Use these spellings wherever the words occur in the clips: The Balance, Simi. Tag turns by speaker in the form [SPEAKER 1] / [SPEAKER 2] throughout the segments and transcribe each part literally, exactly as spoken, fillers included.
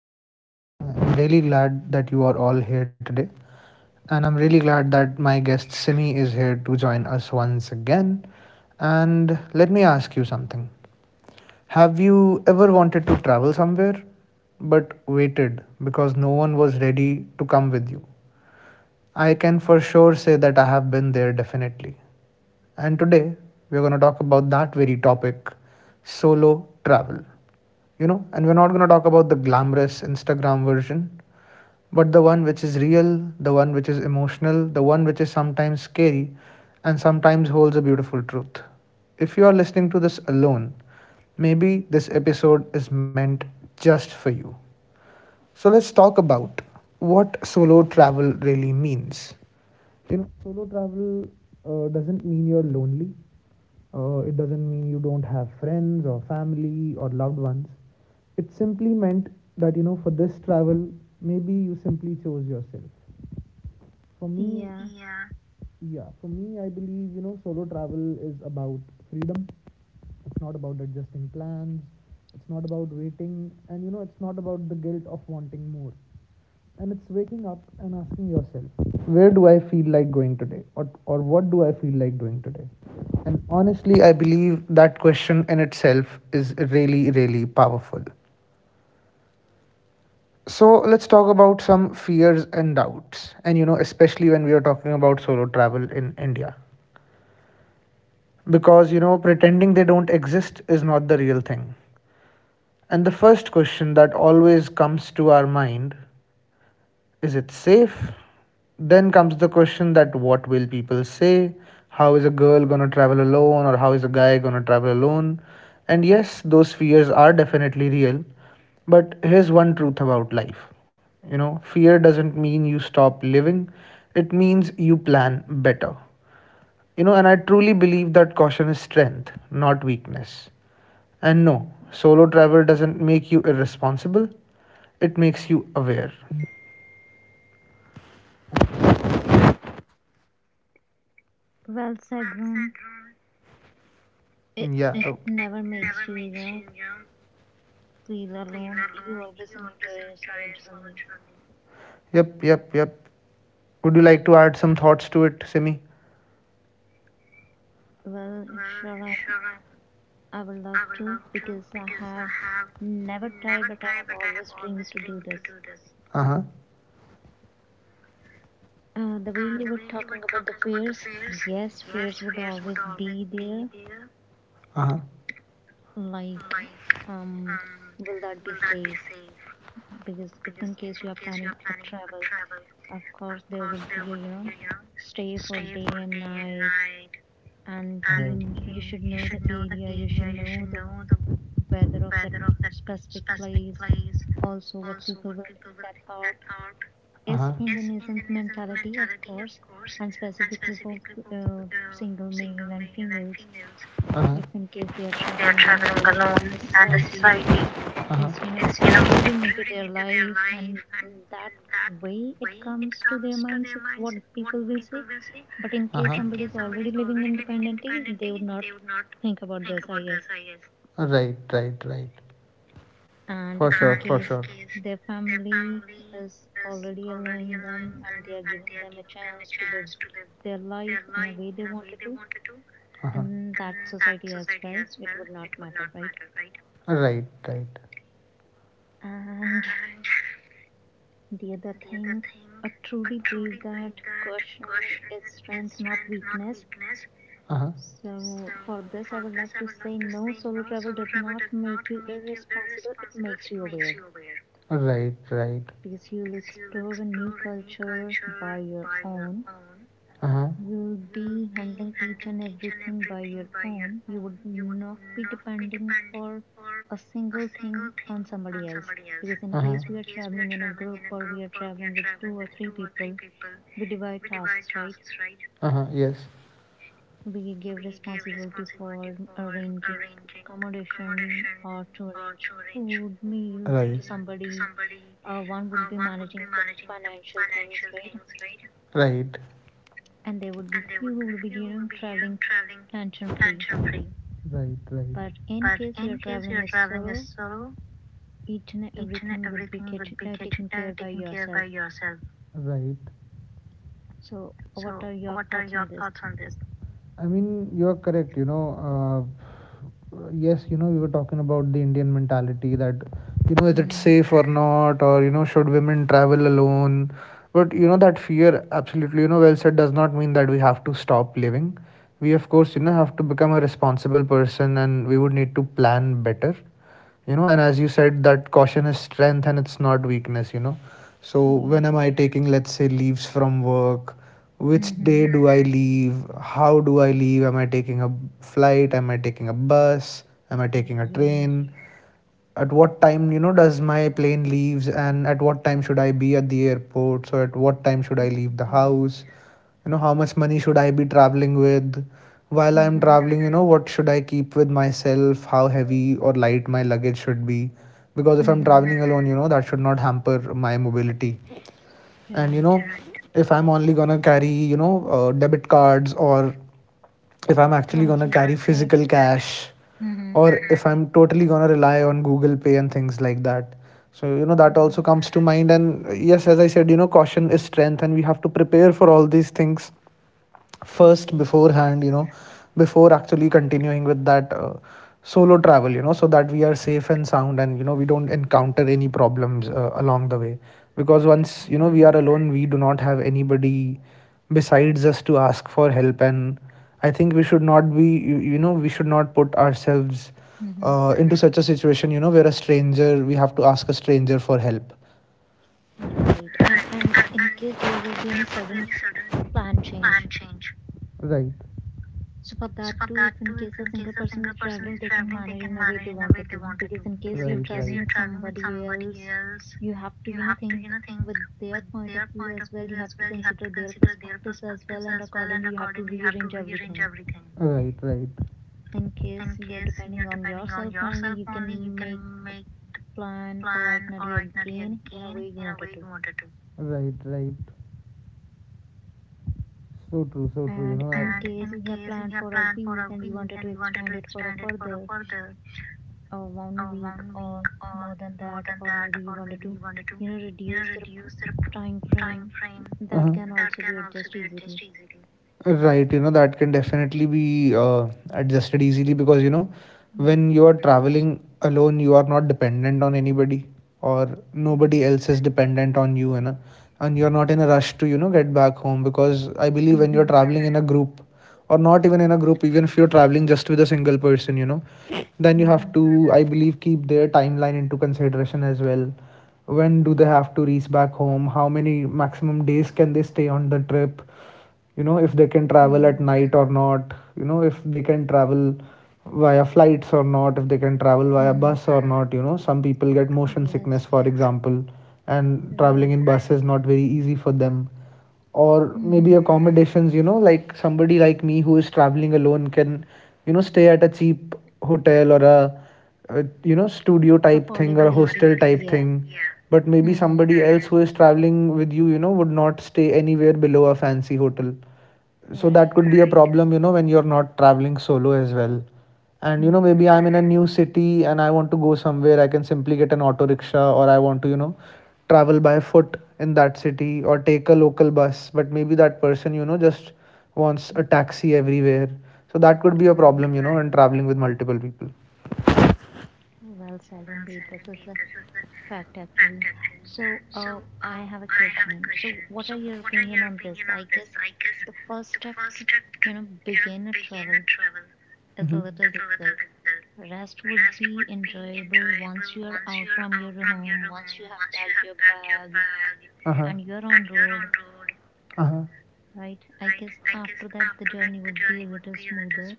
[SPEAKER 1] to The Balance. I'm really glad that you are all here today, and I'm really glad that my guest Simi is here to join us once again. And let me ask you something. Have you ever wanted to travel somewhere but waited because no one was ready to come with you? I can for sure say that I have been there definitely. And today we're going to talk about that very topic, solo travel. You know, and we're not going to talk about the glamorous Instagram version, but the one which is real, the one which is emotional, the one which is sometimes scary and sometimes holds a beautiful truth. If you are listening to this alone, maybe this episode is meant just for you. So let's talk about what solo travel really means. You know, solo travel uh, doesn't mean you're lonely, uh, it doesn't mean you don't have friends or family or loved ones. It simply meant that, you know, for this travel, maybe you simply chose yourself. For me,
[SPEAKER 2] Yeah,
[SPEAKER 1] yeah, for me, I believe, you know, solo travel is about freedom. It's not about adjusting plans. It's not about waiting. And, you know, it's not about the guilt of wanting more, and it's waking up and asking yourself, where do I feel like going today, or, or what do I feel like doing today? And honestly I believe that question in itself is really, really powerful. So let's talk about some fears and doubts, and, you know, especially when we are talking about solo travel in India, because, you know, pretending they don't exist is not the real thing. And the first question that always comes to our mind, is it safe? Then comes the question that, what will people say? How is a girl gonna travel alone, or how is a guy gonna travel alone? And yes, those fears are definitely real. But here's one truth about life. You know, fear doesn't mean you stop living. It means you plan better. You know, and I truly believe that caution is strength, not weakness. And no, solo travel doesn't make you irresponsible. It makes you aware.
[SPEAKER 2] well said, Rune. It
[SPEAKER 1] Yeah.
[SPEAKER 2] it
[SPEAKER 1] uh,
[SPEAKER 2] never makes you, you know, feel alone. You always enjoy your solo journey.
[SPEAKER 1] Yep, yep, yep. Would you like to add some thoughts to it, Simi?
[SPEAKER 2] Well, sure, I, I would love to because I have never tried, but I have always dreamed to do this.
[SPEAKER 1] Uh huh.
[SPEAKER 2] Uh, the way you were talking about the fears, yes, fears would always be there.
[SPEAKER 1] Uh huh.
[SPEAKER 2] Like, um, will that be safe? Because if in case you are planning a travel, of course, there would be a, you know, stay for day and night, and you you should know the area, you should know the weather of that specific place, also what people will think. That thought
[SPEAKER 1] Uh
[SPEAKER 2] is
[SPEAKER 1] huh.
[SPEAKER 2] Indonesian mentality, of course, and specifically for uh, single male and females,
[SPEAKER 1] Uh huh.
[SPEAKER 2] if in case they are traveling alone and the society
[SPEAKER 1] Uh huh.
[SPEAKER 2] is, you
[SPEAKER 1] Uh
[SPEAKER 2] know, intruding into their life, and in that way it comes to their minds if what people will say. But in case
[SPEAKER 1] huh.
[SPEAKER 2] somebody is already living independently, they would not think about this, I guess.
[SPEAKER 1] Right, right, right.
[SPEAKER 2] And
[SPEAKER 1] For
[SPEAKER 2] if in case their family is already allowing them and they are giving them a chance to live their life in a way they wanted to,
[SPEAKER 1] Uh-huh.
[SPEAKER 2] and that society as well, it would not matter, right?
[SPEAKER 1] Right, right.
[SPEAKER 2] And the other thing, I truly believe that caution is strength, not weakness.
[SPEAKER 1] Uh-huh.
[SPEAKER 2] So, for this, I would love to say no, solo travel does not make you irresponsible, it makes you aware
[SPEAKER 1] Right, right.
[SPEAKER 2] because you'll explore a new culture by your own.
[SPEAKER 1] Uh-huh.
[SPEAKER 2] You'll be handling each and everything by your own. You would not be depending for a single thing on somebody else. Because in case we are traveling in a group or we are traveling with two or three people, we divide tasks, right?
[SPEAKER 1] Uh-huh. Yes.
[SPEAKER 2] We give responsibility for arranging accommodation or to arrange food, meal to somebody. Uh, one would be managing the financial things, right?
[SPEAKER 1] Right,
[SPEAKER 2] And there would be few who would be, you know, traveling tension free.
[SPEAKER 1] right, right,
[SPEAKER 2] But in case you're traveling as solo, each and everything would be cat- uh, taken care by yourself.
[SPEAKER 1] right.
[SPEAKER 2] So, what are your thoughts on this?
[SPEAKER 1] I mean, you are correct. You know, uh, yes, you know, we were talking about the Indian mentality that, you know, is it
[SPEAKER 2] Hmm.
[SPEAKER 1] safe or not, or, you know, should women travel alone? But, you know, that fear, absolutely, you know, well said, does not mean that we have to stop living. We, of course, you know, have to become a responsible person, and we would need to plan better. You know, and as you said, that caution is strength and it's not weakness. You know, so
[SPEAKER 2] Yeah.
[SPEAKER 1] when am I taking, let's say, leaves from work? Which
[SPEAKER 2] Hmm.
[SPEAKER 1] day do I leave? How do I leave? Am I taking a flight? Am I taking a bus? Am I taking a
[SPEAKER 2] Yes.
[SPEAKER 1] train? At what time, you know, does my plane leaves, and at what time should I be at the airport? So at what time should I leave the
[SPEAKER 2] Yes.
[SPEAKER 1] house? You know, how much money should I be traveling with? While I'm
[SPEAKER 2] Hmm.
[SPEAKER 1] traveling, you know, what should I keep with myself? How heavy or light my luggage should be? Because if I'm
[SPEAKER 2] Hmm.
[SPEAKER 1] traveling alone, you know, that should not hamper my mobility. And you
[SPEAKER 2] Right.
[SPEAKER 1] know, if I'm only gonna carry, you know, uh, debit cards, or if I'm actually gonna
[SPEAKER 2] Crunchy
[SPEAKER 1] carry
[SPEAKER 2] cash.
[SPEAKER 1] physical cash,
[SPEAKER 2] Mm-hmm.
[SPEAKER 1] or if I'm totally gonna rely on Google Pay and things like that. So, you know, that
[SPEAKER 2] Mm-hmm.
[SPEAKER 1] also comes to mind. And yes, as I said, you know, caution is strength and we have to prepare for all these things first
[SPEAKER 2] Yes.
[SPEAKER 1] beforehand, you know, before actually continuing with that uh, solo travel, you know, so that we are safe and sound and, you know, we don't encounter any problems uh, along the way. Because once, you know, we
[SPEAKER 2] Right.
[SPEAKER 1] are alone, we do not have anybody besides us to ask for help, and I think we should not be you, you know, we should not put ourselves
[SPEAKER 2] Mm-hmm.
[SPEAKER 1] uh, into such a situation, you know, where a stranger we have to ask a stranger for help.
[SPEAKER 2] Right. And and in case there would be any sudden plan change.
[SPEAKER 1] Right.
[SPEAKER 2] So for that too, if in case a single person is traveling, they can manage in a way they wanted to. Because in case you're traveling with
[SPEAKER 1] Right,
[SPEAKER 2] somebody else, you have to, you know, think with their point of view as well. You have to consider their perspectives as well, and accordingly you have to rearrange everything.
[SPEAKER 1] right, right,
[SPEAKER 2] In case you're depending on yourself only, you can make plan our itinerary again in a way you wanted to.
[SPEAKER 1] right, right. So true, so true.
[SPEAKER 2] And
[SPEAKER 1] You know,
[SPEAKER 2] in
[SPEAKER 1] I,
[SPEAKER 2] case you have planned for a week and you wanted to extend it for a further uh, one week or more than that, or maybe you wanted to, you know, reduce the p- time frame, that
[SPEAKER 1] uh-huh.
[SPEAKER 2] can also be adjusted easily.
[SPEAKER 1] Easily. Right, you know, that can definitely be uh, adjusted easily because, you know,
[SPEAKER 2] Mhm.
[SPEAKER 1] when you are traveling alone, you are not dependent on anybody, or
[SPEAKER 2] Right.
[SPEAKER 1] nobody else is dependent on you, you know, and you're not in a rush to, you know, get back home. Because I believe when you're
[SPEAKER 2] Mhm.
[SPEAKER 1] traveling in a group, or not even in a group, even if you're traveling just with a single person, you know, then you
[SPEAKER 2] Mhm.
[SPEAKER 1] have to, I believe, keep their timeline into consideration as well. When do they have to reach back home? How many maximum days can they stay on the trip? You know, if they can travel at
[SPEAKER 2] Mhm.
[SPEAKER 1] night or not. You know, if they can travel via flights or not, if they can travel via
[SPEAKER 2] Mhm.
[SPEAKER 1] bus or not. You know, some people get motion
[SPEAKER 2] Yes.
[SPEAKER 1] sickness for example, and
[SPEAKER 2] Right.
[SPEAKER 1] traveling in bus is not very easy for them. Or
[SPEAKER 2] Mhm.
[SPEAKER 1] maybe accommodations, you know, like somebody like me who is traveling alone can, you know, stay at a cheap hotel, or a, a you know, studio type thing
[SPEAKER 2] Affordable,
[SPEAKER 1] or a
[SPEAKER 2] easy.
[SPEAKER 1] hostel type
[SPEAKER 2] Yeah.
[SPEAKER 1] thing. But maybe
[SPEAKER 2] Mhm.
[SPEAKER 1] somebody else who is traveling with you, you know, would not stay anywhere below a fancy hotel. So
[SPEAKER 2] Right.
[SPEAKER 1] that could be a problem, you know, when you're not traveling solo as well. And you know,
[SPEAKER 2] Mhm.
[SPEAKER 1] maybe I'm in a new city and I want to go somewhere, I can simply get an auto rickshaw, or I want to, you know, travel by foot in that city, or take a local bus, but maybe that person, you know, just
[SPEAKER 2] Mhm.
[SPEAKER 1] wants a taxi everywhere. So that could be a
[SPEAKER 2] Right.
[SPEAKER 1] problem, you know, in traveling with multiple people.
[SPEAKER 2] Well said indeed. This is the fact actually. So uh, I have a question. So what are your opinion on this? I guess the first step to you know begin a travel is a
[SPEAKER 1] Hmm.
[SPEAKER 2] little difficult. Rest would be enjoyable once you are out from your home, once you have packed your bag
[SPEAKER 1] Uh-huh.
[SPEAKER 2] and you're on road,
[SPEAKER 1] Uh-huh.
[SPEAKER 2] right? I guess after that the journey would be a little smoother.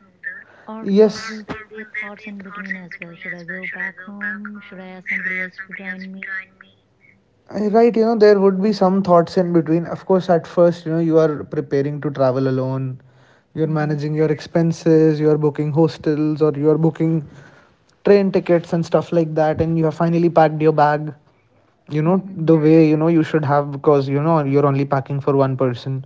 [SPEAKER 2] Or or will there be thoughts in between as well? Should I go back home? Should I ask somebody else to join me?
[SPEAKER 1] Right, you know, there would be some thoughts in between. Of course, at first, you know, you are preparing to travel alone, you're
[SPEAKER 2] Mm-hmm.
[SPEAKER 1] managing your expenses, you're booking hostels, or you're booking train tickets and stuff like that, and you have finally packed your bag, you know,
[SPEAKER 2] Mm-hmm.
[SPEAKER 1] the way you know you should have, because you know you're only packing for one person.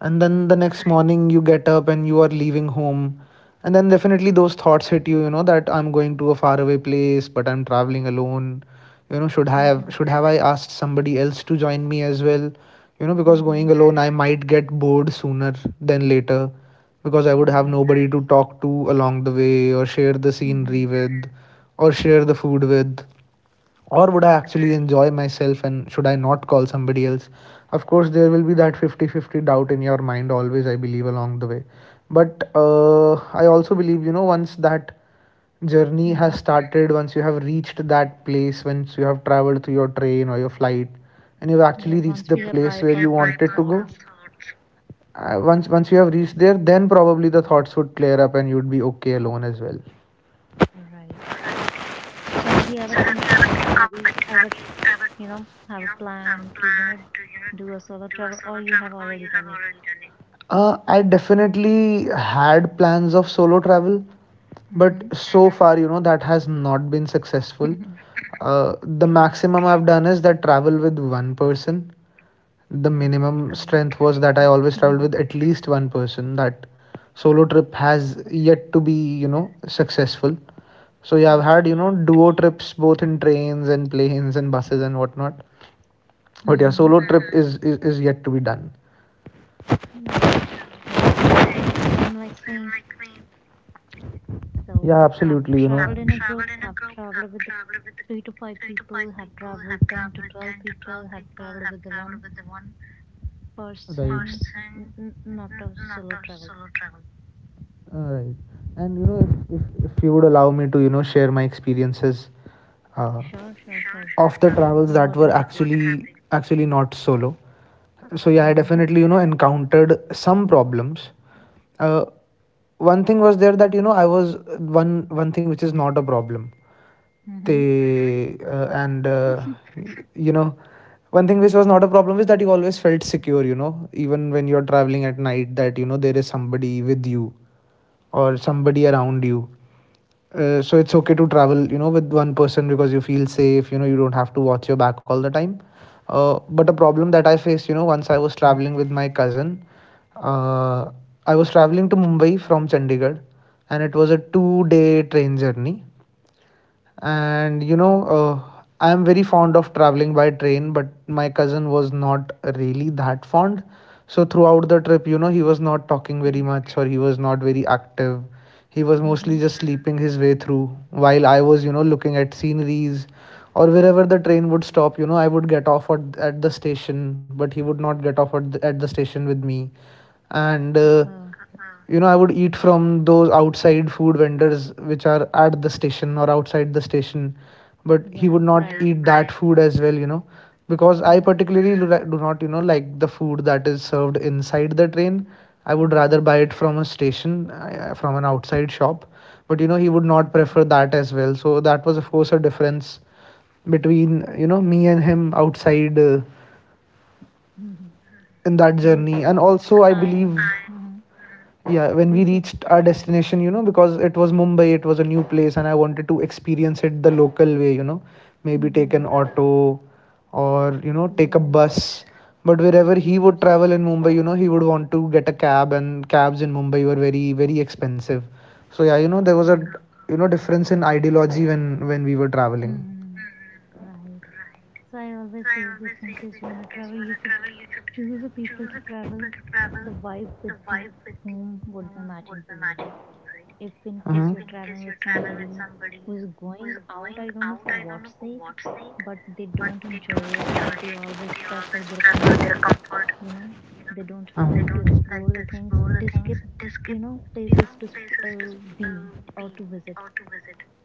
[SPEAKER 1] And then
[SPEAKER 2] Right.
[SPEAKER 1] the next morning, you get up and you are leaving home, and then definitely those thoughts hit you, you know, that I'm going to a faraway place, but I'm traveling alone. You know, should have
[SPEAKER 2] Mm-hmm.
[SPEAKER 1] should have I asked somebody else to join me as well? You know, because
[SPEAKER 2] Mhm.
[SPEAKER 1] going alone I might get bored sooner than later, because I would have
[SPEAKER 2] Right.
[SPEAKER 1] nobody to talk to along the way or share the
[SPEAKER 2] Mhm.
[SPEAKER 1] scenery with or share the food with. Or would I
[SPEAKER 2] Right.
[SPEAKER 1] actually enjoy myself, and should I not call somebody else? Of course there will be that fifty-fifty doubt in your mind always, I believe, along the way. But uh, I also believe, you know, once that journey
[SPEAKER 2] Mhm.
[SPEAKER 1] has started, once you have reached that place, once you have traveled through your train or your flight and you've
[SPEAKER 2] Yeah,
[SPEAKER 1] actually
[SPEAKER 2] once
[SPEAKER 1] reached
[SPEAKER 2] we
[SPEAKER 1] the
[SPEAKER 2] have
[SPEAKER 1] place where
[SPEAKER 2] bypassed
[SPEAKER 1] you
[SPEAKER 2] the
[SPEAKER 1] wanted to go,
[SPEAKER 2] thoughts,
[SPEAKER 1] uh, once once you have reached there, then probably the
[SPEAKER 2] Mhm.
[SPEAKER 1] thoughts would clear up and you would be okay alone as well.
[SPEAKER 2] right. So have you ever think of it? Have you ever, you know, have a plan to, you know, do a solo travel or you have already done it?
[SPEAKER 1] Uh, I definitely had plans of solo travel, but
[SPEAKER 2] Mhm.
[SPEAKER 1] so far, you know, that has not been successful. Uh, the
[SPEAKER 2] Okay,
[SPEAKER 1] maximum I've done is that travel with one person. The minimum
[SPEAKER 2] okay,
[SPEAKER 1] strength was that I always
[SPEAKER 2] Mhm.
[SPEAKER 1] traveled with at least one person. That solo trip has yet to be, you know, successful. So yeah, I've had, you
[SPEAKER 2] okay.
[SPEAKER 1] know, duo trips both in trains and planes and buses and whatnot. But yeah,
[SPEAKER 2] Mhm.
[SPEAKER 1] solo trip is, is, is yet to be done.
[SPEAKER 2] Okay. Same like me. So
[SPEAKER 1] Yeah,
[SPEAKER 2] I've
[SPEAKER 1] absolutely. You
[SPEAKER 2] traveled in a group, I've traveled with the three to five people, have traveled ten to twelve people, have traveled with the one person,
[SPEAKER 1] right.
[SPEAKER 2] n- n- not a solo travel.
[SPEAKER 1] All right. And you know, if, if, if you would allow me to, you know, share my experiences, uh,
[SPEAKER 2] Sure, sure, sure,
[SPEAKER 1] sure, of the
[SPEAKER 2] would be
[SPEAKER 1] travels
[SPEAKER 2] more
[SPEAKER 1] that
[SPEAKER 2] than
[SPEAKER 1] were
[SPEAKER 2] happy.
[SPEAKER 1] actually actually not solo. So yeah, I
[SPEAKER 2] Mm-hmm.
[SPEAKER 1] definitely, you know, encountered some problems. Uh, One thing was there that, you know, I was one one thing which is not a problem.
[SPEAKER 2] Mm-hmm.
[SPEAKER 1] They, uh, and, uh, you know, one thing which was not a problem is that you always felt secure, you know, even when you're traveling at night, that you know there is somebody with you or somebody around you. Uh, so it's okay to travel, you know, with one person because you feel safe. You know, you don't have to watch your back all the time. Uh, but a problem that I faced, you know, once I was traveling with my cousin. uh, I was traveling to Mumbai from Chandigarh, and it was a two day train journey. And, you know, uh, I am very fond of traveling by train, but my cousin was not really that fond. So throughout the trip, you know, he was not talking
[SPEAKER 2] Okay.
[SPEAKER 1] very much, or he was not very active. He was
[SPEAKER 2] Mm-hmm.
[SPEAKER 1] mostly just sleeping his way through, while I was, you know, looking at sceneries. Or wherever the train would stop, you know, I would get off at, at the station, but he would not get off at the, at the station with me. And, uh,
[SPEAKER 2] Uh-oh.
[SPEAKER 1] you know, I would eat from those outside food vendors which are at the station or outside the station. But
[SPEAKER 2] Yeah,
[SPEAKER 1] he would not
[SPEAKER 2] fried food.
[SPEAKER 1] eat that food as well, you know, because I
[SPEAKER 2] Mm-hmm.
[SPEAKER 1] particularly do not, you know, like the food that is served inside the train. I would
[SPEAKER 2] Yeah.
[SPEAKER 1] rather buy it from a station, uh, from an outside shop. But, you know, he would not
[SPEAKER 2] Mm-hmm.
[SPEAKER 1] prefer that as well. So that was, of course, a difference between, you know, me and him outside, uh,
[SPEAKER 2] Mm-hmm.
[SPEAKER 1] in that
[SPEAKER 2] Yes,
[SPEAKER 1] journey. And also I
[SPEAKER 2] I
[SPEAKER 1] believe,
[SPEAKER 2] Mm-hmm.
[SPEAKER 1] yeah, when
[SPEAKER 2] Yes,
[SPEAKER 1] we
[SPEAKER 2] yes.
[SPEAKER 1] reached our destination, you know, because it was Mumbai, it was a new place, and I wanted to experience it the local way, you know, maybe take
[SPEAKER 2] Mm-hmm.
[SPEAKER 1] an auto, or, you know, take a
[SPEAKER 2] Yes,
[SPEAKER 1] bus. But wherever he
[SPEAKER 2] yes.
[SPEAKER 1] would travel in Mumbai, you know, he would want to get a cab, and cabs in Mumbai were very, very expensive. So yeah, you know, there was
[SPEAKER 2] Uh-oh.
[SPEAKER 1] a, you know, difference in ideology when when we were traveling.
[SPEAKER 2] Mm-hmm. Right. So I always say this, in case you wanna travel, you should choose the people to travel, the vibe with the whom would be matching for you, right? If in case you're traveling with somebody who is going out, I don't know for what sake, but they don't enjoy it. They always prefer their comfort, you know. They don't like to explore the things. They skip, you know, places to sp- uh, be or to visit.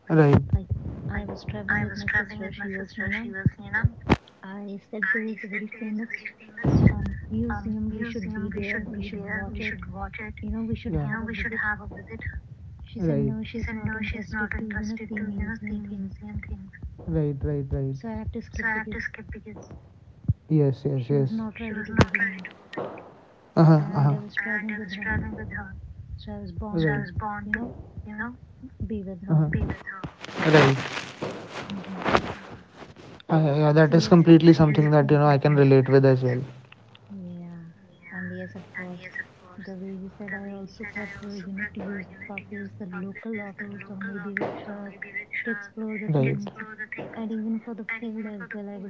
[SPEAKER 1] Right.
[SPEAKER 2] Like, I was traveling with my sister. She was, you know, I said there is a very famous um, museum. We should be there. We should watch it, you know, we should
[SPEAKER 1] Yeah.
[SPEAKER 2] have a visit.
[SPEAKER 1] Yeah.
[SPEAKER 2] She said, no,
[SPEAKER 1] Right.
[SPEAKER 2] she's not interested to, you know, see museum things.
[SPEAKER 1] Right. Right. Right.
[SPEAKER 2] So I have to skip because
[SPEAKER 1] Yes.
[SPEAKER 2] she
[SPEAKER 1] Yes.
[SPEAKER 2] was
[SPEAKER 1] Yes.
[SPEAKER 2] not ready to go with me.
[SPEAKER 1] Uh huh.
[SPEAKER 2] And
[SPEAKER 1] Uh
[SPEAKER 2] I
[SPEAKER 1] huh.
[SPEAKER 2] was traveling with her. So I was born to, you know,
[SPEAKER 1] Right.
[SPEAKER 2] be with her.
[SPEAKER 1] Uh-huh. Right.
[SPEAKER 2] Hmm.
[SPEAKER 1] Uh, yeah,
[SPEAKER 2] So
[SPEAKER 1] that is
[SPEAKER 2] yes,
[SPEAKER 1] completely
[SPEAKER 2] these
[SPEAKER 1] something that,
[SPEAKER 2] things
[SPEAKER 1] you know, I can
[SPEAKER 2] happens.
[SPEAKER 1] relate with as well.
[SPEAKER 2] Yeah, and yes, of course. The way you said, I also prefer, you know, to use buses, the local autos, or maybe rickshaws to explore the things. And even for the food as well, I would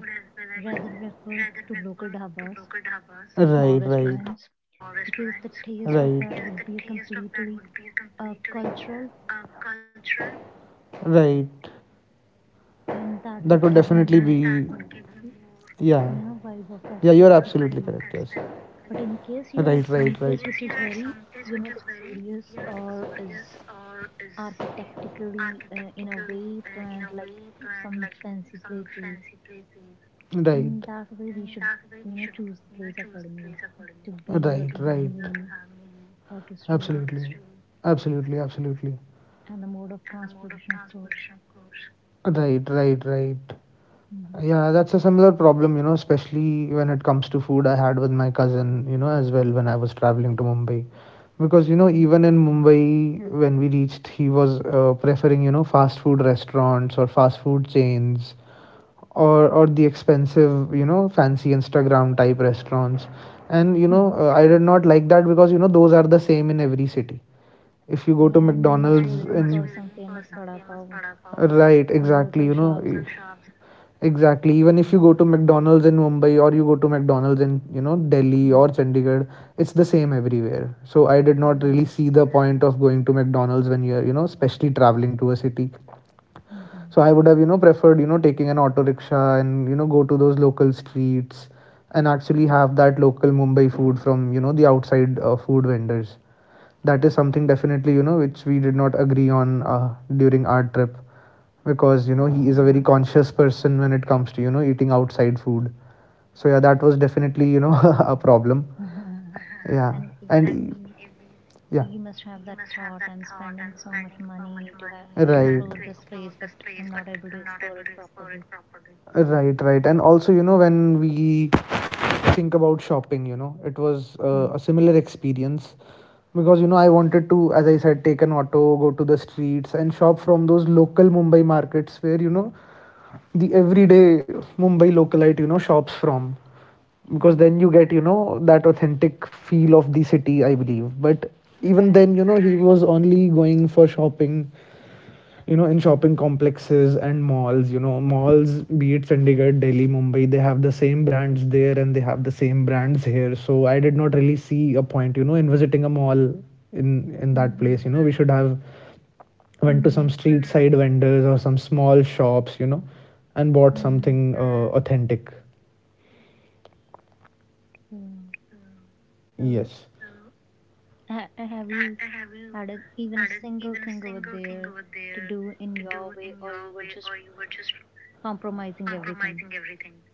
[SPEAKER 2] rather refer to local dhabas or small
[SPEAKER 1] Right, right,
[SPEAKER 2] restaurants because the
[SPEAKER 1] right,
[SPEAKER 2] taste of that would be completely uh, cultural
[SPEAKER 1] right. That
[SPEAKER 2] and
[SPEAKER 1] would
[SPEAKER 2] that would
[SPEAKER 1] definitely.
[SPEAKER 2] give you
[SPEAKER 1] That
[SPEAKER 2] more,
[SPEAKER 1] be
[SPEAKER 2] you
[SPEAKER 1] more, yeah.
[SPEAKER 2] know, vibe
[SPEAKER 1] Yeah,
[SPEAKER 2] of
[SPEAKER 1] you are
[SPEAKER 2] that
[SPEAKER 1] absolutely
[SPEAKER 2] specific place.
[SPEAKER 1] correct.
[SPEAKER 2] But in case
[SPEAKER 1] Right,
[SPEAKER 2] you're at
[SPEAKER 1] right.
[SPEAKER 2] some place which is very, you know, luxurious or is architectically uh, in a way planned like some fancy places. In
[SPEAKER 1] Right,
[SPEAKER 2] that way, we should, you know, choose the place accordingly to be or to have
[SPEAKER 1] right.
[SPEAKER 2] meal or to stay
[SPEAKER 1] Absolutely. Absolutely, absolutely.
[SPEAKER 2] and the mode of transportation, of course.
[SPEAKER 1] Right, right, right.
[SPEAKER 2] Mhm.
[SPEAKER 1] Yeah, that's a similar problem, you know, especially when it comes to food I had with my cousin, you know, as well, when I was traveling to Mumbai. Because, you know,
[SPEAKER 2] Mhm.
[SPEAKER 1] even in Mumbai, when we reached, he was, uh, preferring, you know, fast food restaurants or fast food chains, or or the expensive, you know, fancy Instagram type restaurants. And, you know, uh, I did not like that, because, you know, those are the same in every city. If you
[SPEAKER 2] Yeah,
[SPEAKER 1] go to
[SPEAKER 2] and you must be looking
[SPEAKER 1] McDonald's
[SPEAKER 2] for
[SPEAKER 1] in...
[SPEAKER 2] some famous bada pav or
[SPEAKER 1] Right,
[SPEAKER 2] local
[SPEAKER 1] exactly, you
[SPEAKER 2] shops.
[SPEAKER 1] know. Exactly, even if you go to McDonald's in Mumbai, or you go to McDonald's in, you know,
[SPEAKER 2] Mm.
[SPEAKER 1] Delhi or Chandigarh, it's the same everywhere. So I did not
[SPEAKER 2] Yeah.
[SPEAKER 1] really see the point of going to McDonald's when you're, you know, especially traveling to a city.
[SPEAKER 2] Mm-hmm.
[SPEAKER 1] So I would have, you know, preferred, you know, taking an auto rickshaw and, you know, go to those local streets, and actually have that local Mumbai food from, you know, the outside, uh, food vendors. That is something definitely, you know, which we did not agree on, uh, during our trip,
[SPEAKER 2] Uh
[SPEAKER 1] because, you know, he is a
[SPEAKER 2] oh.
[SPEAKER 1] very conscious person when it comes to, you know, eating outside food. So yeah, that was definitely, you know, a problem.
[SPEAKER 2] and
[SPEAKER 1] Yeah.
[SPEAKER 2] i- i- we
[SPEAKER 1] And
[SPEAKER 2] you
[SPEAKER 1] yeah.
[SPEAKER 2] must have that thought, I'm spending so much money to have to explore
[SPEAKER 1] Right.
[SPEAKER 2] this place but I'm not able to explore it properly.
[SPEAKER 1] Right, right. And also, you know, when we think about shopping, you know, it was,
[SPEAKER 2] Hmm.
[SPEAKER 1] uh, a similar experience. Because, you know, I wanted to, as I said, take an auto, go to the streets, and shop from those local Mumbai markets where, you know, the everyday Mumbai localite, you know, shops from. Because
[SPEAKER 2] Right,
[SPEAKER 1] then you get, you know, that authentic feel of the city, I believe. But even
[SPEAKER 2] right.
[SPEAKER 1] then, you know, he was only going for shopping, you know, in shopping complexes and malls. You know, malls, be it Chandigarh, Delhi, Mumbai, they have the same brands there and they have the same brands here. So I did not really see a point, you know, in visiting a mall in in that
[SPEAKER 2] Mm-hmm.
[SPEAKER 1] place. You know, we should have went to
[SPEAKER 2] Mm.
[SPEAKER 1] some street side vendors or some small shops, you know, and bought
[SPEAKER 2] Mm.
[SPEAKER 1] something, uh, authentic.
[SPEAKER 2] so, so
[SPEAKER 1] Yes.
[SPEAKER 2] ha- have you had a, even a single thing over there to do in your way or you were just compromising everything?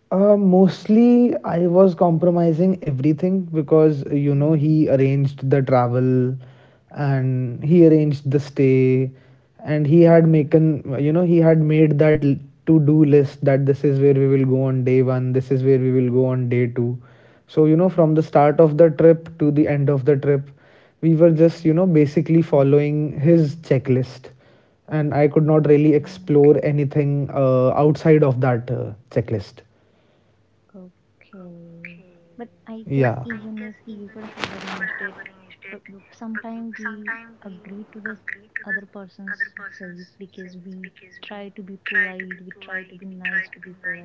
[SPEAKER 1] Uh, mostly, I was compromising everything, because, uh, you know,
[SPEAKER 2] Mm-hmm.
[SPEAKER 1] he arranged the travel, and he arranged the stay, and he had
[SPEAKER 2] Yeah.
[SPEAKER 1] making you know, he had made that to do list, that this is where we will go on day one, this is where we will go on day two. So, you know,
[SPEAKER 2] Oh,
[SPEAKER 1] from the start of the trip to the end of the trip, we were just, you know, basically following his checklist, and I could not
[SPEAKER 2] okay.
[SPEAKER 1] really explore anything, uh, outside of that, uh, checklist.
[SPEAKER 2] Okay. But I guess
[SPEAKER 1] Yeah.
[SPEAKER 2] even if you could have arranged it, but sometimes we agree to the other person's says because we try to be polite, we try to be nice to people, right?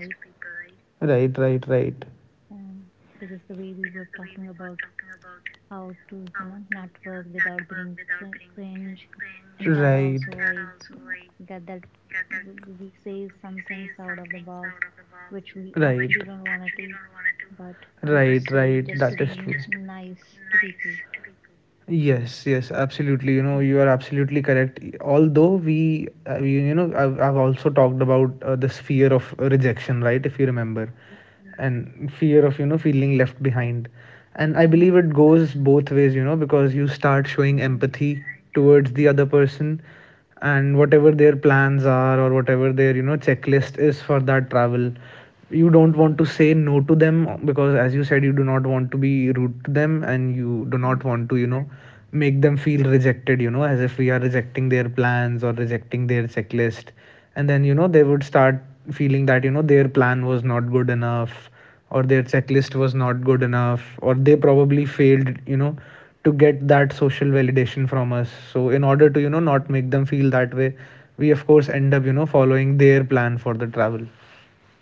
[SPEAKER 1] Right, right, right.
[SPEAKER 2] And because the way we were talking about how to you know network without being cr- cringe, and that also I get that, w- we say some things out of the box which we actually don't want to do but we just
[SPEAKER 1] Right.
[SPEAKER 2] say it
[SPEAKER 1] Right.
[SPEAKER 2] just to be nice to people.
[SPEAKER 1] Yes, yes, absolutely. You know, you are absolutely correct. Although we, uh, you, you know, I've, I've also talked about, uh, this fear of rejection, right? If you remember,
[SPEAKER 2] Right.
[SPEAKER 1] and fear of, you know, feeling left behind. And I
[SPEAKER 2] Mhm.
[SPEAKER 1] believe it goes both ways, you know, because you start showing
[SPEAKER 2] Right.
[SPEAKER 1] empathy towards the other person, and whatever their plans are or whatever their, you know, checklist is for that travel, you don't want to say no to them. Because, as you said, you do not want to be rude to them, and you do
[SPEAKER 2] Mhm.
[SPEAKER 1] not want to, you know, make them feel rejected, you know, as if we are rejecting their plans or rejecting their checklist. And then, you know, they would start feeling that, you know, their plan was not good enough, or their checklist was not good enough, or they probably failed, you know, to get that social validation from us. So in order to, you know, not make them feel that way, we of course end up, you know, following their plan for the travel.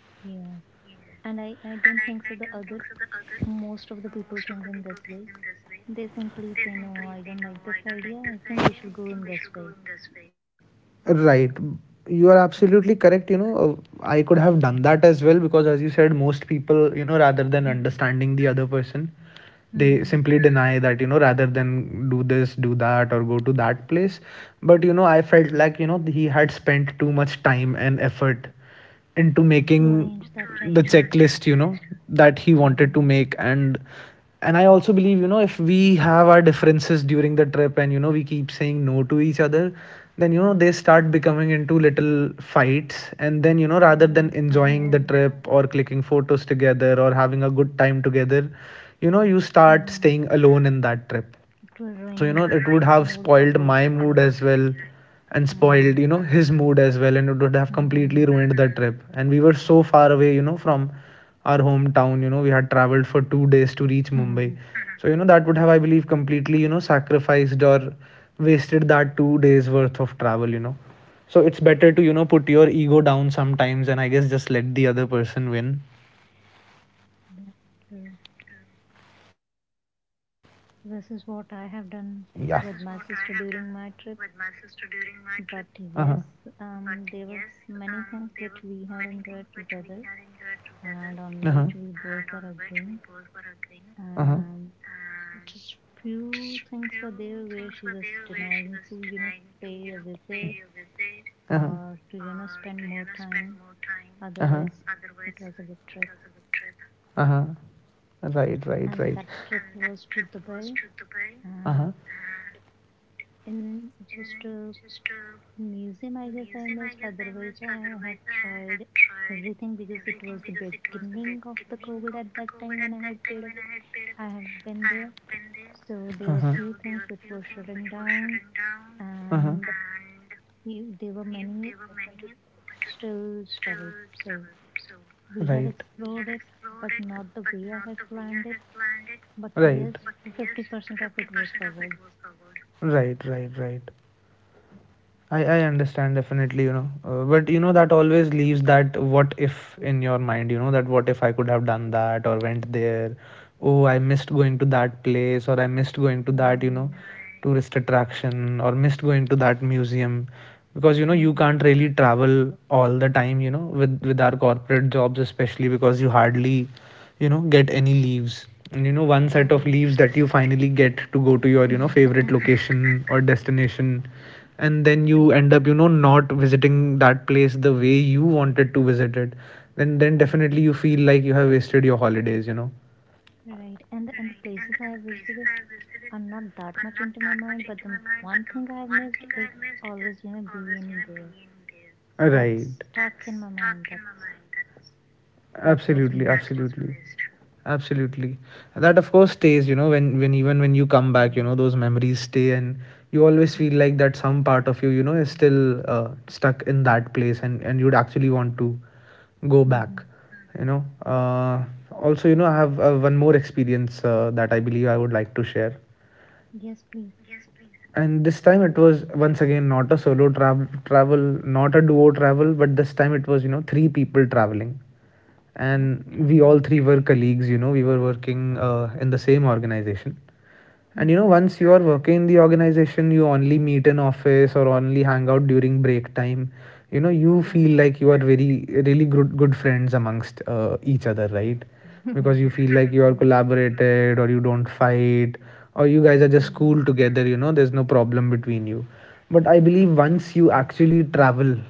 [SPEAKER 2] Yes. And i i don't think so the other, most of the people think in this way. They simply say, no, I don't like this idea, I think we should go in this way.
[SPEAKER 1] Right. You are
[SPEAKER 2] Right.
[SPEAKER 1] absolutely correct. You know, uh, I could have done that as well, because, as you said, most people, you know, rather than understanding the other person,
[SPEAKER 2] Mhm.
[SPEAKER 1] they simply deny that, you know, rather than do this, do that, or go to that place. But, you know, I felt like, you know, he had spent too much time and effort into
[SPEAKER 2] To arrange
[SPEAKER 1] making
[SPEAKER 2] the
[SPEAKER 1] the
[SPEAKER 2] checklist.
[SPEAKER 1] checklist, you know, that he
[SPEAKER 2] Yeah.
[SPEAKER 1] wanted to make. and and I also believe, you know, if we have our differences during the trip, and, you know, we keep saying no to each other, then, you know, they start becoming into little fights. And then, you know,
[SPEAKER 2] Yes,
[SPEAKER 1] rather
[SPEAKER 2] the
[SPEAKER 1] than
[SPEAKER 2] whole.
[SPEAKER 1] enjoying the trip or clicking photos together or having a good time together, you know, you
[SPEAKER 2] Mm-hmm.
[SPEAKER 1] start staying alone in that trip.
[SPEAKER 2] It will ruin
[SPEAKER 1] So,
[SPEAKER 2] the
[SPEAKER 1] you know, it would
[SPEAKER 2] mood
[SPEAKER 1] have
[SPEAKER 2] for both
[SPEAKER 1] spoiled
[SPEAKER 2] of you,
[SPEAKER 1] my
[SPEAKER 2] right?
[SPEAKER 1] mood as well, and spoiled, you know, his mood as well. And it would have
[SPEAKER 2] Mm-hmm.
[SPEAKER 1] completely ruined the trip, and we were so far away, you know, from our hometown. You know, we had traveled for two days to reach Mumbai. So, you know, that would have, I believe, completely, you know, sacrificed or wasted that two days worth of travel, you know. So it's
[SPEAKER 2] Yeah,
[SPEAKER 1] better to, you know, put your ego down sometimes, and I guess just let the other person win.
[SPEAKER 2] true. So this is what I have
[SPEAKER 1] Yeah.
[SPEAKER 2] done with my sister during my trip.
[SPEAKER 1] Uh
[SPEAKER 2] But
[SPEAKER 1] huh.
[SPEAKER 2] yes, um, there were many things which we had enjoyed together and on which we both were agreeing.
[SPEAKER 1] Uh huh.
[SPEAKER 2] Um, just few things were there where she was denying to you know pay a visit
[SPEAKER 1] Uh huh. Uh
[SPEAKER 2] or
[SPEAKER 1] huh.
[SPEAKER 2] to you know spend more time, otherwise
[SPEAKER 1] Uh
[SPEAKER 2] it was a good trip.
[SPEAKER 1] huh. Uh huh. Right.
[SPEAKER 2] And
[SPEAKER 1] Right.
[SPEAKER 2] that
[SPEAKER 1] Right.
[SPEAKER 2] trip was to Dubai, and
[SPEAKER 1] Uh huh.
[SPEAKER 2] in just a museum I guess I missed, otherwise I have tried everything because it was the beginning of the COVID at that time when I had paid a visit. I have been there, so there were
[SPEAKER 1] Uh
[SPEAKER 2] few
[SPEAKER 1] huh.
[SPEAKER 2] things which were shutting down,
[SPEAKER 1] Uh
[SPEAKER 2] and
[SPEAKER 1] huh.
[SPEAKER 2] few, there were many open to still travel. So we have
[SPEAKER 1] Right.
[SPEAKER 2] explored it, but not the way I had planned it. But yes,
[SPEAKER 1] Right.
[SPEAKER 2] the fifty percent of it was covered.
[SPEAKER 1] Right. Right. Right. I, I understand definitely, you know, uh, but, you know, that always leaves that what if in your mind, you know, that what if I could have done that, or went there. Oh, I missed going to that place, or I missed going to that, you
[SPEAKER 2] Right.
[SPEAKER 1] know, tourist attraction, or missed going to that museum. Because, you know,
[SPEAKER 2] Hmm.
[SPEAKER 1] you can't really travel all the time, you know, with with our corporate jobs, especially because you hardly, you know, get any leaves. And, you know, one set of leaves that you finally get to go to your, you know,
[SPEAKER 2] Right.
[SPEAKER 1] favorite location or destination, and then
[SPEAKER 2] Mm.
[SPEAKER 1] you end up, you know, not visiting that place the way you wanted to visit it. then
[SPEAKER 2] Uh,
[SPEAKER 1] then definitely you feel like you have wasted your holidays, you know.
[SPEAKER 2] right. And and the places I have visited are not that much into my mind, but the one thing I have missed is always, you know, being there. So that's
[SPEAKER 1] Right,
[SPEAKER 2] stuck in my mind. That's that was
[SPEAKER 1] absolutely,
[SPEAKER 2] missed.
[SPEAKER 1] absolutely. Absolutely. That of course stays, you know, when when even when you come
[SPEAKER 2] Yeah.
[SPEAKER 1] back, you know, those memories stay. And you always feel like that some part of you, you know, is still, uh, stuck in that place, and and you'd actually want to go
[SPEAKER 2] Mm-hmm.
[SPEAKER 1] back, you know. Uh, also, you know, I have, uh, one more experience, uh, that I believe I would like to share.
[SPEAKER 2] Yes, please.
[SPEAKER 1] And this time it was once again not a solo travel travel not a duo travel, but this time it was, you know, three people traveling. And
[SPEAKER 2] Okay.
[SPEAKER 1] we all three were colleagues. You know, we were working, uh, in the same organization.
[SPEAKER 2] Mm-hmm.
[SPEAKER 1] And, you know, once you are working in the organization, you only meet in office or only hang out during break time. You know,
[SPEAKER 2] Right.
[SPEAKER 1] you feel like you are very, really good, good friends amongst uh, each other, right?
[SPEAKER 2] True.
[SPEAKER 1] Because you feel like you are collaborated or you don't fight, or you guys are
[SPEAKER 2] Mm-hmm.
[SPEAKER 1] just cool together, you know, there's no problem between you. But I believe once you actually travel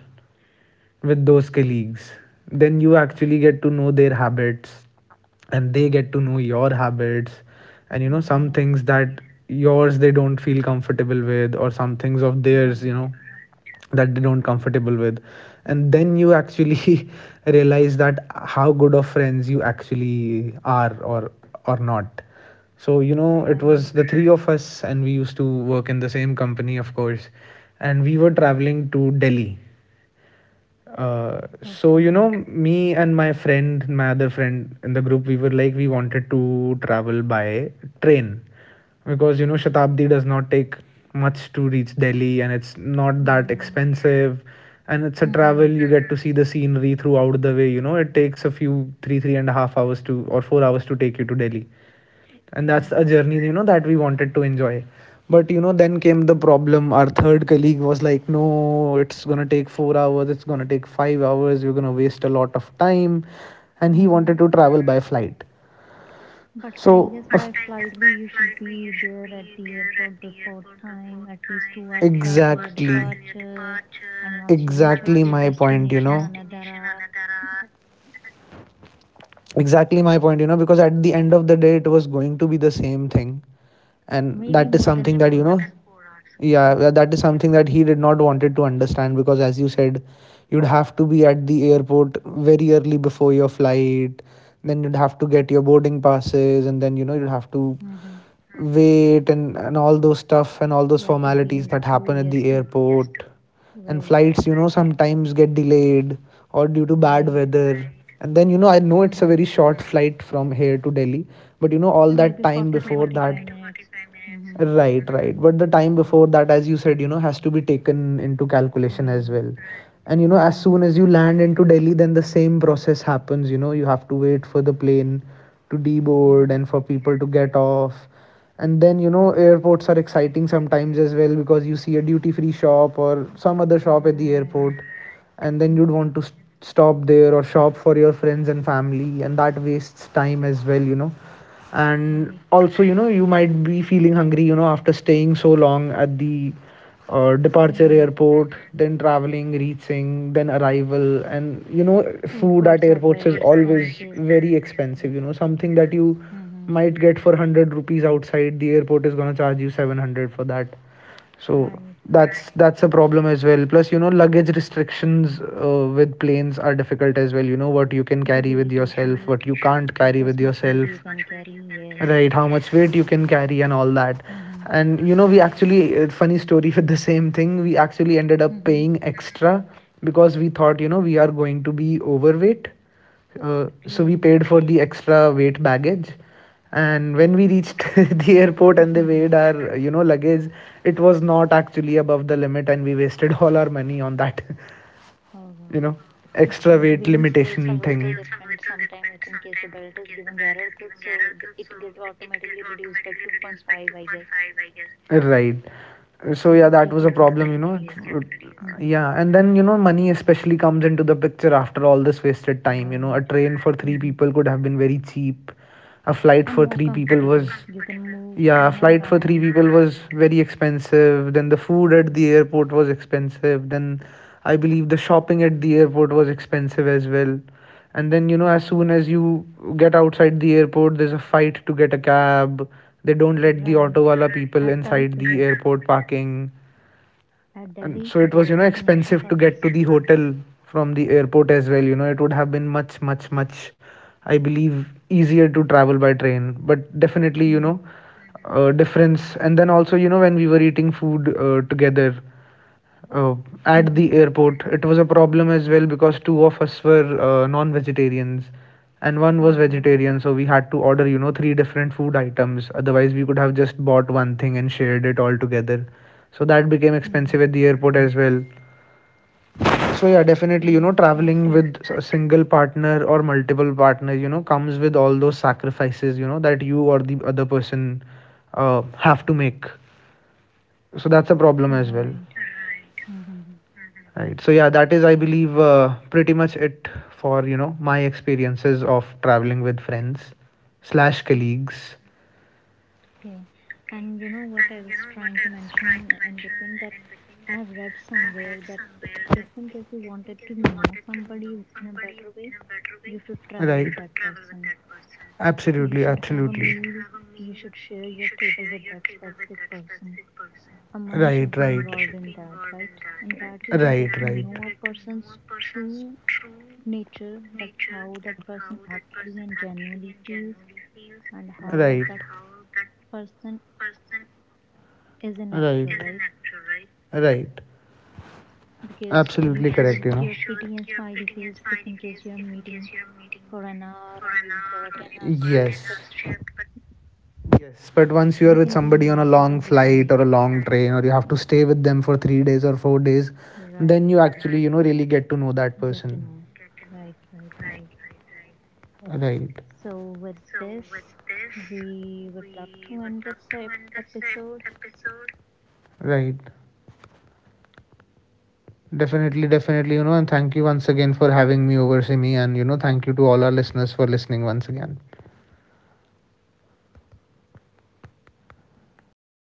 [SPEAKER 1] with those colleagues, then you actually get to know their habits, and they get to know your habits, and you know
[SPEAKER 2] Yes.
[SPEAKER 1] some things that yours they don't feel comfortable with, or some things of
[SPEAKER 2] Right.
[SPEAKER 1] theirs you know that they don't comfortable with. And then you actually realize that how good of friends you actually are, or or not. So you know
[SPEAKER 2] Right.
[SPEAKER 1] it was the three of us, and we used to work in the same company, of course, and we were traveling to Delhi. uh,
[SPEAKER 2] Okay.
[SPEAKER 1] so you know me and my friend my other friend in the group, we were like we wanted to travel by train, because you know Shatabdi does not take much to reach Delhi, and it's not
[SPEAKER 2] Yeah.
[SPEAKER 1] that expensive. And it's a
[SPEAKER 2] Mm-hmm.
[SPEAKER 1] travel, you get to see the scenery throughout the way. You know it takes a few, three three and a half hours to, or four hours, to take you to Delhi. And
[SPEAKER 2] Right.
[SPEAKER 1] that's a journey you know that we wanted to enjoy. But you know then came the problem. Our third colleague was like, no, it's going to take four hours, it's going to take five hours, we're going to waste a lot of time. And he
[SPEAKER 2] Mm-hmm.
[SPEAKER 1] wanted to travel by flight.
[SPEAKER 2] But I guess
[SPEAKER 1] So.
[SPEAKER 2] by flight B, you should be there at the airport before time, at least two hours prior to your
[SPEAKER 1] Exactly.
[SPEAKER 2] departure. And once you reach at your
[SPEAKER 1] Exactly my
[SPEAKER 2] destination,
[SPEAKER 1] point. You
[SPEAKER 2] another
[SPEAKER 1] know
[SPEAKER 2] hour. Okay.
[SPEAKER 1] exactly my point, you know because
[SPEAKER 2] Mm.
[SPEAKER 1] at the end of the day, it was going to be the same thing.
[SPEAKER 2] Maybe
[SPEAKER 1] And
[SPEAKER 2] more
[SPEAKER 1] that
[SPEAKER 2] than
[SPEAKER 1] is
[SPEAKER 2] four
[SPEAKER 1] something that,
[SPEAKER 2] hours.
[SPEAKER 1] you know
[SPEAKER 2] Mm-hmm.
[SPEAKER 1] yeah, yeah, that is something that he did not wanted to understand, because as you said, you'd have to be at the airport very early before your flight. Then you'd have to get your boarding passes, and then you know you'd have to
[SPEAKER 2] Mm-hmm.
[SPEAKER 1] wait, and, and all those stuff, and
[SPEAKER 2] You
[SPEAKER 1] all
[SPEAKER 2] have to
[SPEAKER 1] those
[SPEAKER 2] be in the
[SPEAKER 1] formalities
[SPEAKER 2] queue.
[SPEAKER 1] that
[SPEAKER 2] Yes,
[SPEAKER 1] happen at
[SPEAKER 2] to
[SPEAKER 1] the airport.
[SPEAKER 2] right,
[SPEAKER 1] And flights, you know sometimes get delayed, or due to
[SPEAKER 2] right.
[SPEAKER 1] bad weather. And then you know I know
[SPEAKER 2] Mm-hmm.
[SPEAKER 1] it's a very short flight from here to Delhi, but you
[SPEAKER 2] Uh,
[SPEAKER 1] know all
[SPEAKER 2] maybe
[SPEAKER 1] that
[SPEAKER 2] forty to
[SPEAKER 1] time before
[SPEAKER 2] forty-five
[SPEAKER 1] that.
[SPEAKER 2] minutes. Mm-hmm.
[SPEAKER 1] Right, right, but the time before that, as you said, you know has to be taken into calculation
[SPEAKER 2] Right.
[SPEAKER 1] as well. And you
[SPEAKER 2] Mm-hmm.
[SPEAKER 1] know as soon as you land into Delhi, then the same process happens. You know you have to wait for the plane to
[SPEAKER 2] Yes.
[SPEAKER 1] deboard, and for people to get off. And then you know airports are exciting sometimes as well, because you see a duty free shop or some other shop at the
[SPEAKER 2] Right.
[SPEAKER 1] airport.
[SPEAKER 2] Mm-hmm.
[SPEAKER 1] And then you'd want to st- stop there, or shop for your friends and family, and that wastes time as well. You know
[SPEAKER 2] Right.
[SPEAKER 1] and also, you know you might be feeling hungry, you know after staying so long at the uh,
[SPEAKER 2] Mm-hmm.
[SPEAKER 1] departure airport, then traveling, reaching, then arrival. And you
[SPEAKER 2] The
[SPEAKER 1] know
[SPEAKER 2] food courts
[SPEAKER 1] food
[SPEAKER 2] are
[SPEAKER 1] at
[SPEAKER 2] very
[SPEAKER 1] airports is
[SPEAKER 2] expensive.
[SPEAKER 1] always very
[SPEAKER 2] Yeah.
[SPEAKER 1] expensive, you know something that you
[SPEAKER 2] Mm-hmm.
[SPEAKER 1] might get for one hundred rupees outside the airport is going to charge you seven hundred for that. So
[SPEAKER 2] Right.
[SPEAKER 1] that's that's a problem as well, plus you know luggage restrictions, uh, with planes, are difficult as well, you know what you
[SPEAKER 2] The
[SPEAKER 1] can
[SPEAKER 2] weight
[SPEAKER 1] carry with
[SPEAKER 2] issue,
[SPEAKER 1] yourself, what you
[SPEAKER 2] that
[SPEAKER 1] can't
[SPEAKER 2] this
[SPEAKER 1] carry
[SPEAKER 2] much
[SPEAKER 1] with
[SPEAKER 2] weight you
[SPEAKER 1] yourself.
[SPEAKER 2] can carry. Yes.
[SPEAKER 1] Right, how much weight you can carry and all that.
[SPEAKER 2] Mm-hmm.
[SPEAKER 1] And you know we actually, uh, funny story, with the same thing, we actually ended
[SPEAKER 2] Mm-hmm.
[SPEAKER 1] up paying extra, because we thought you know we are going to be overweight. uh,
[SPEAKER 2] Okay.
[SPEAKER 1] so we paid for the extra weight baggage.
[SPEAKER 2] Okay.
[SPEAKER 1] And when we reached the airport and they weighed our, you know luggage, it was not actually above the limit, and we wasted all our money on that
[SPEAKER 2] Oh God.
[SPEAKER 1] you know
[SPEAKER 2] W- The
[SPEAKER 1] extra
[SPEAKER 2] weighing
[SPEAKER 1] weight
[SPEAKER 2] scales are a little
[SPEAKER 1] limitation thing.
[SPEAKER 2] different. Sometimes, if in case the belt is giving error, th- so the- it get automatically reduced by two point five, I guess.
[SPEAKER 1] Zero point. Right.
[SPEAKER 2] two to
[SPEAKER 1] So
[SPEAKER 2] three
[SPEAKER 1] yeah, that
[SPEAKER 2] kgs
[SPEAKER 1] was a
[SPEAKER 2] kettle
[SPEAKER 1] problem, you
[SPEAKER 2] days.
[SPEAKER 1] know.
[SPEAKER 2] Hmm.
[SPEAKER 1] Yeah, and then you know money especially comes into the picture after all this wasted
[SPEAKER 2] Right.
[SPEAKER 1] time. You know, a train for
[SPEAKER 2] Hmm.
[SPEAKER 1] three people could have been very cheap. A
[SPEAKER 2] And more
[SPEAKER 1] flight for three
[SPEAKER 2] comfortable.
[SPEAKER 1] people
[SPEAKER 2] You
[SPEAKER 1] was,
[SPEAKER 2] can move, you know,
[SPEAKER 1] yeah, flight
[SPEAKER 2] around.
[SPEAKER 1] for three people was very expensive. Then the
[SPEAKER 2] Hmm.
[SPEAKER 1] food at the airport was expensive. Then I believe the shopping at the airport was expensive as well. And then you
[SPEAKER 2] Yeah.
[SPEAKER 1] know as soon as you get outside the airport, there's a fight to get a cab. They don't let
[SPEAKER 2] Right.
[SPEAKER 1] the auto wala
[SPEAKER 2] At
[SPEAKER 1] people
[SPEAKER 2] term, yes.
[SPEAKER 1] inside the airport parking.
[SPEAKER 2] At Delhi,
[SPEAKER 1] And
[SPEAKER 2] there
[SPEAKER 1] so it
[SPEAKER 2] is an
[SPEAKER 1] was, you know
[SPEAKER 2] issue for this.
[SPEAKER 1] expensive to get to the hotel from the airport as well. You know it would have been much, much, much, I believe, easier to travel by train. But
[SPEAKER 2] Hmm.
[SPEAKER 1] definitely, you know uh, difference. And then also, you know when we were eating food uh, together. Oh,
[SPEAKER 2] Hmm.
[SPEAKER 1] at the airport, it was a problem as well, because two of us were uh, non-vegetarians and
[SPEAKER 2] Oh
[SPEAKER 1] one was
[SPEAKER 2] God.
[SPEAKER 1] vegetarian, so we had to order, you know, three different food items. Otherwise, we could have just bought one thing and shared it all together. So that became
[SPEAKER 2] Hmm.
[SPEAKER 1] expensive at the airport as well. So yeah,
[SPEAKER 2] Yes,
[SPEAKER 1] definitely, you know,
[SPEAKER 2] that too.
[SPEAKER 1] traveling with a single partner or multiple partners, you know, comes with all those sacrifices, you know, that you or the other person uh, have to make. So that's a problem
[SPEAKER 2] Right.
[SPEAKER 1] as well.
[SPEAKER 2] Hmm.
[SPEAKER 1] Right. So yeah, that is, I believe, uh, pretty much it for you know my experiences of traveling with friends slash colleagues.
[SPEAKER 2] Okay. And you know what I was trying to mention in between that I have read somewhere that if in case you wanted to know somebody in a better way, you should travel with that
[SPEAKER 1] Right,
[SPEAKER 2] person. You should
[SPEAKER 1] absolutely. You
[SPEAKER 2] have a meal.
[SPEAKER 1] absolutely.
[SPEAKER 2] You should
[SPEAKER 1] You.
[SPEAKER 2] share your table with that specific person. A money should be
[SPEAKER 1] Right,
[SPEAKER 2] involved
[SPEAKER 1] right.
[SPEAKER 2] in that, right? And that way you get to
[SPEAKER 1] Right,
[SPEAKER 2] know a
[SPEAKER 1] right.
[SPEAKER 2] person's true nature,
[SPEAKER 1] Right.
[SPEAKER 2] that how that person actually and genuinely feels and how
[SPEAKER 1] And how
[SPEAKER 2] that
[SPEAKER 1] that. Right,
[SPEAKER 2] person is an actor, right?
[SPEAKER 1] right? Right.
[SPEAKER 2] Because you showed
[SPEAKER 1] Absolutely
[SPEAKER 2] your
[SPEAKER 1] correct, you know.
[SPEAKER 2] pretty and smiley face if in case you're meeting for an hour or maybe for a ten hour shift but
[SPEAKER 1] Yes. Yes, but
[SPEAKER 2] you can
[SPEAKER 1] once you are
[SPEAKER 2] be
[SPEAKER 1] with
[SPEAKER 2] nice, you
[SPEAKER 1] somebody on
[SPEAKER 2] can
[SPEAKER 1] a
[SPEAKER 2] be
[SPEAKER 1] long
[SPEAKER 2] kind,
[SPEAKER 1] flight or a long train, or you have to stay with them for three days or four days,
[SPEAKER 2] right,
[SPEAKER 1] then you actually, you know, really get to know
[SPEAKER 2] get
[SPEAKER 1] that
[SPEAKER 2] to know,
[SPEAKER 1] person.
[SPEAKER 2] right, right, right.
[SPEAKER 1] Right,
[SPEAKER 2] So with this we would love to end this ep- episode.
[SPEAKER 1] right. Definitely, definitely, you know, and thank you once again for having me over, Simi, and, you know, thank you to all our listeners for listening once again.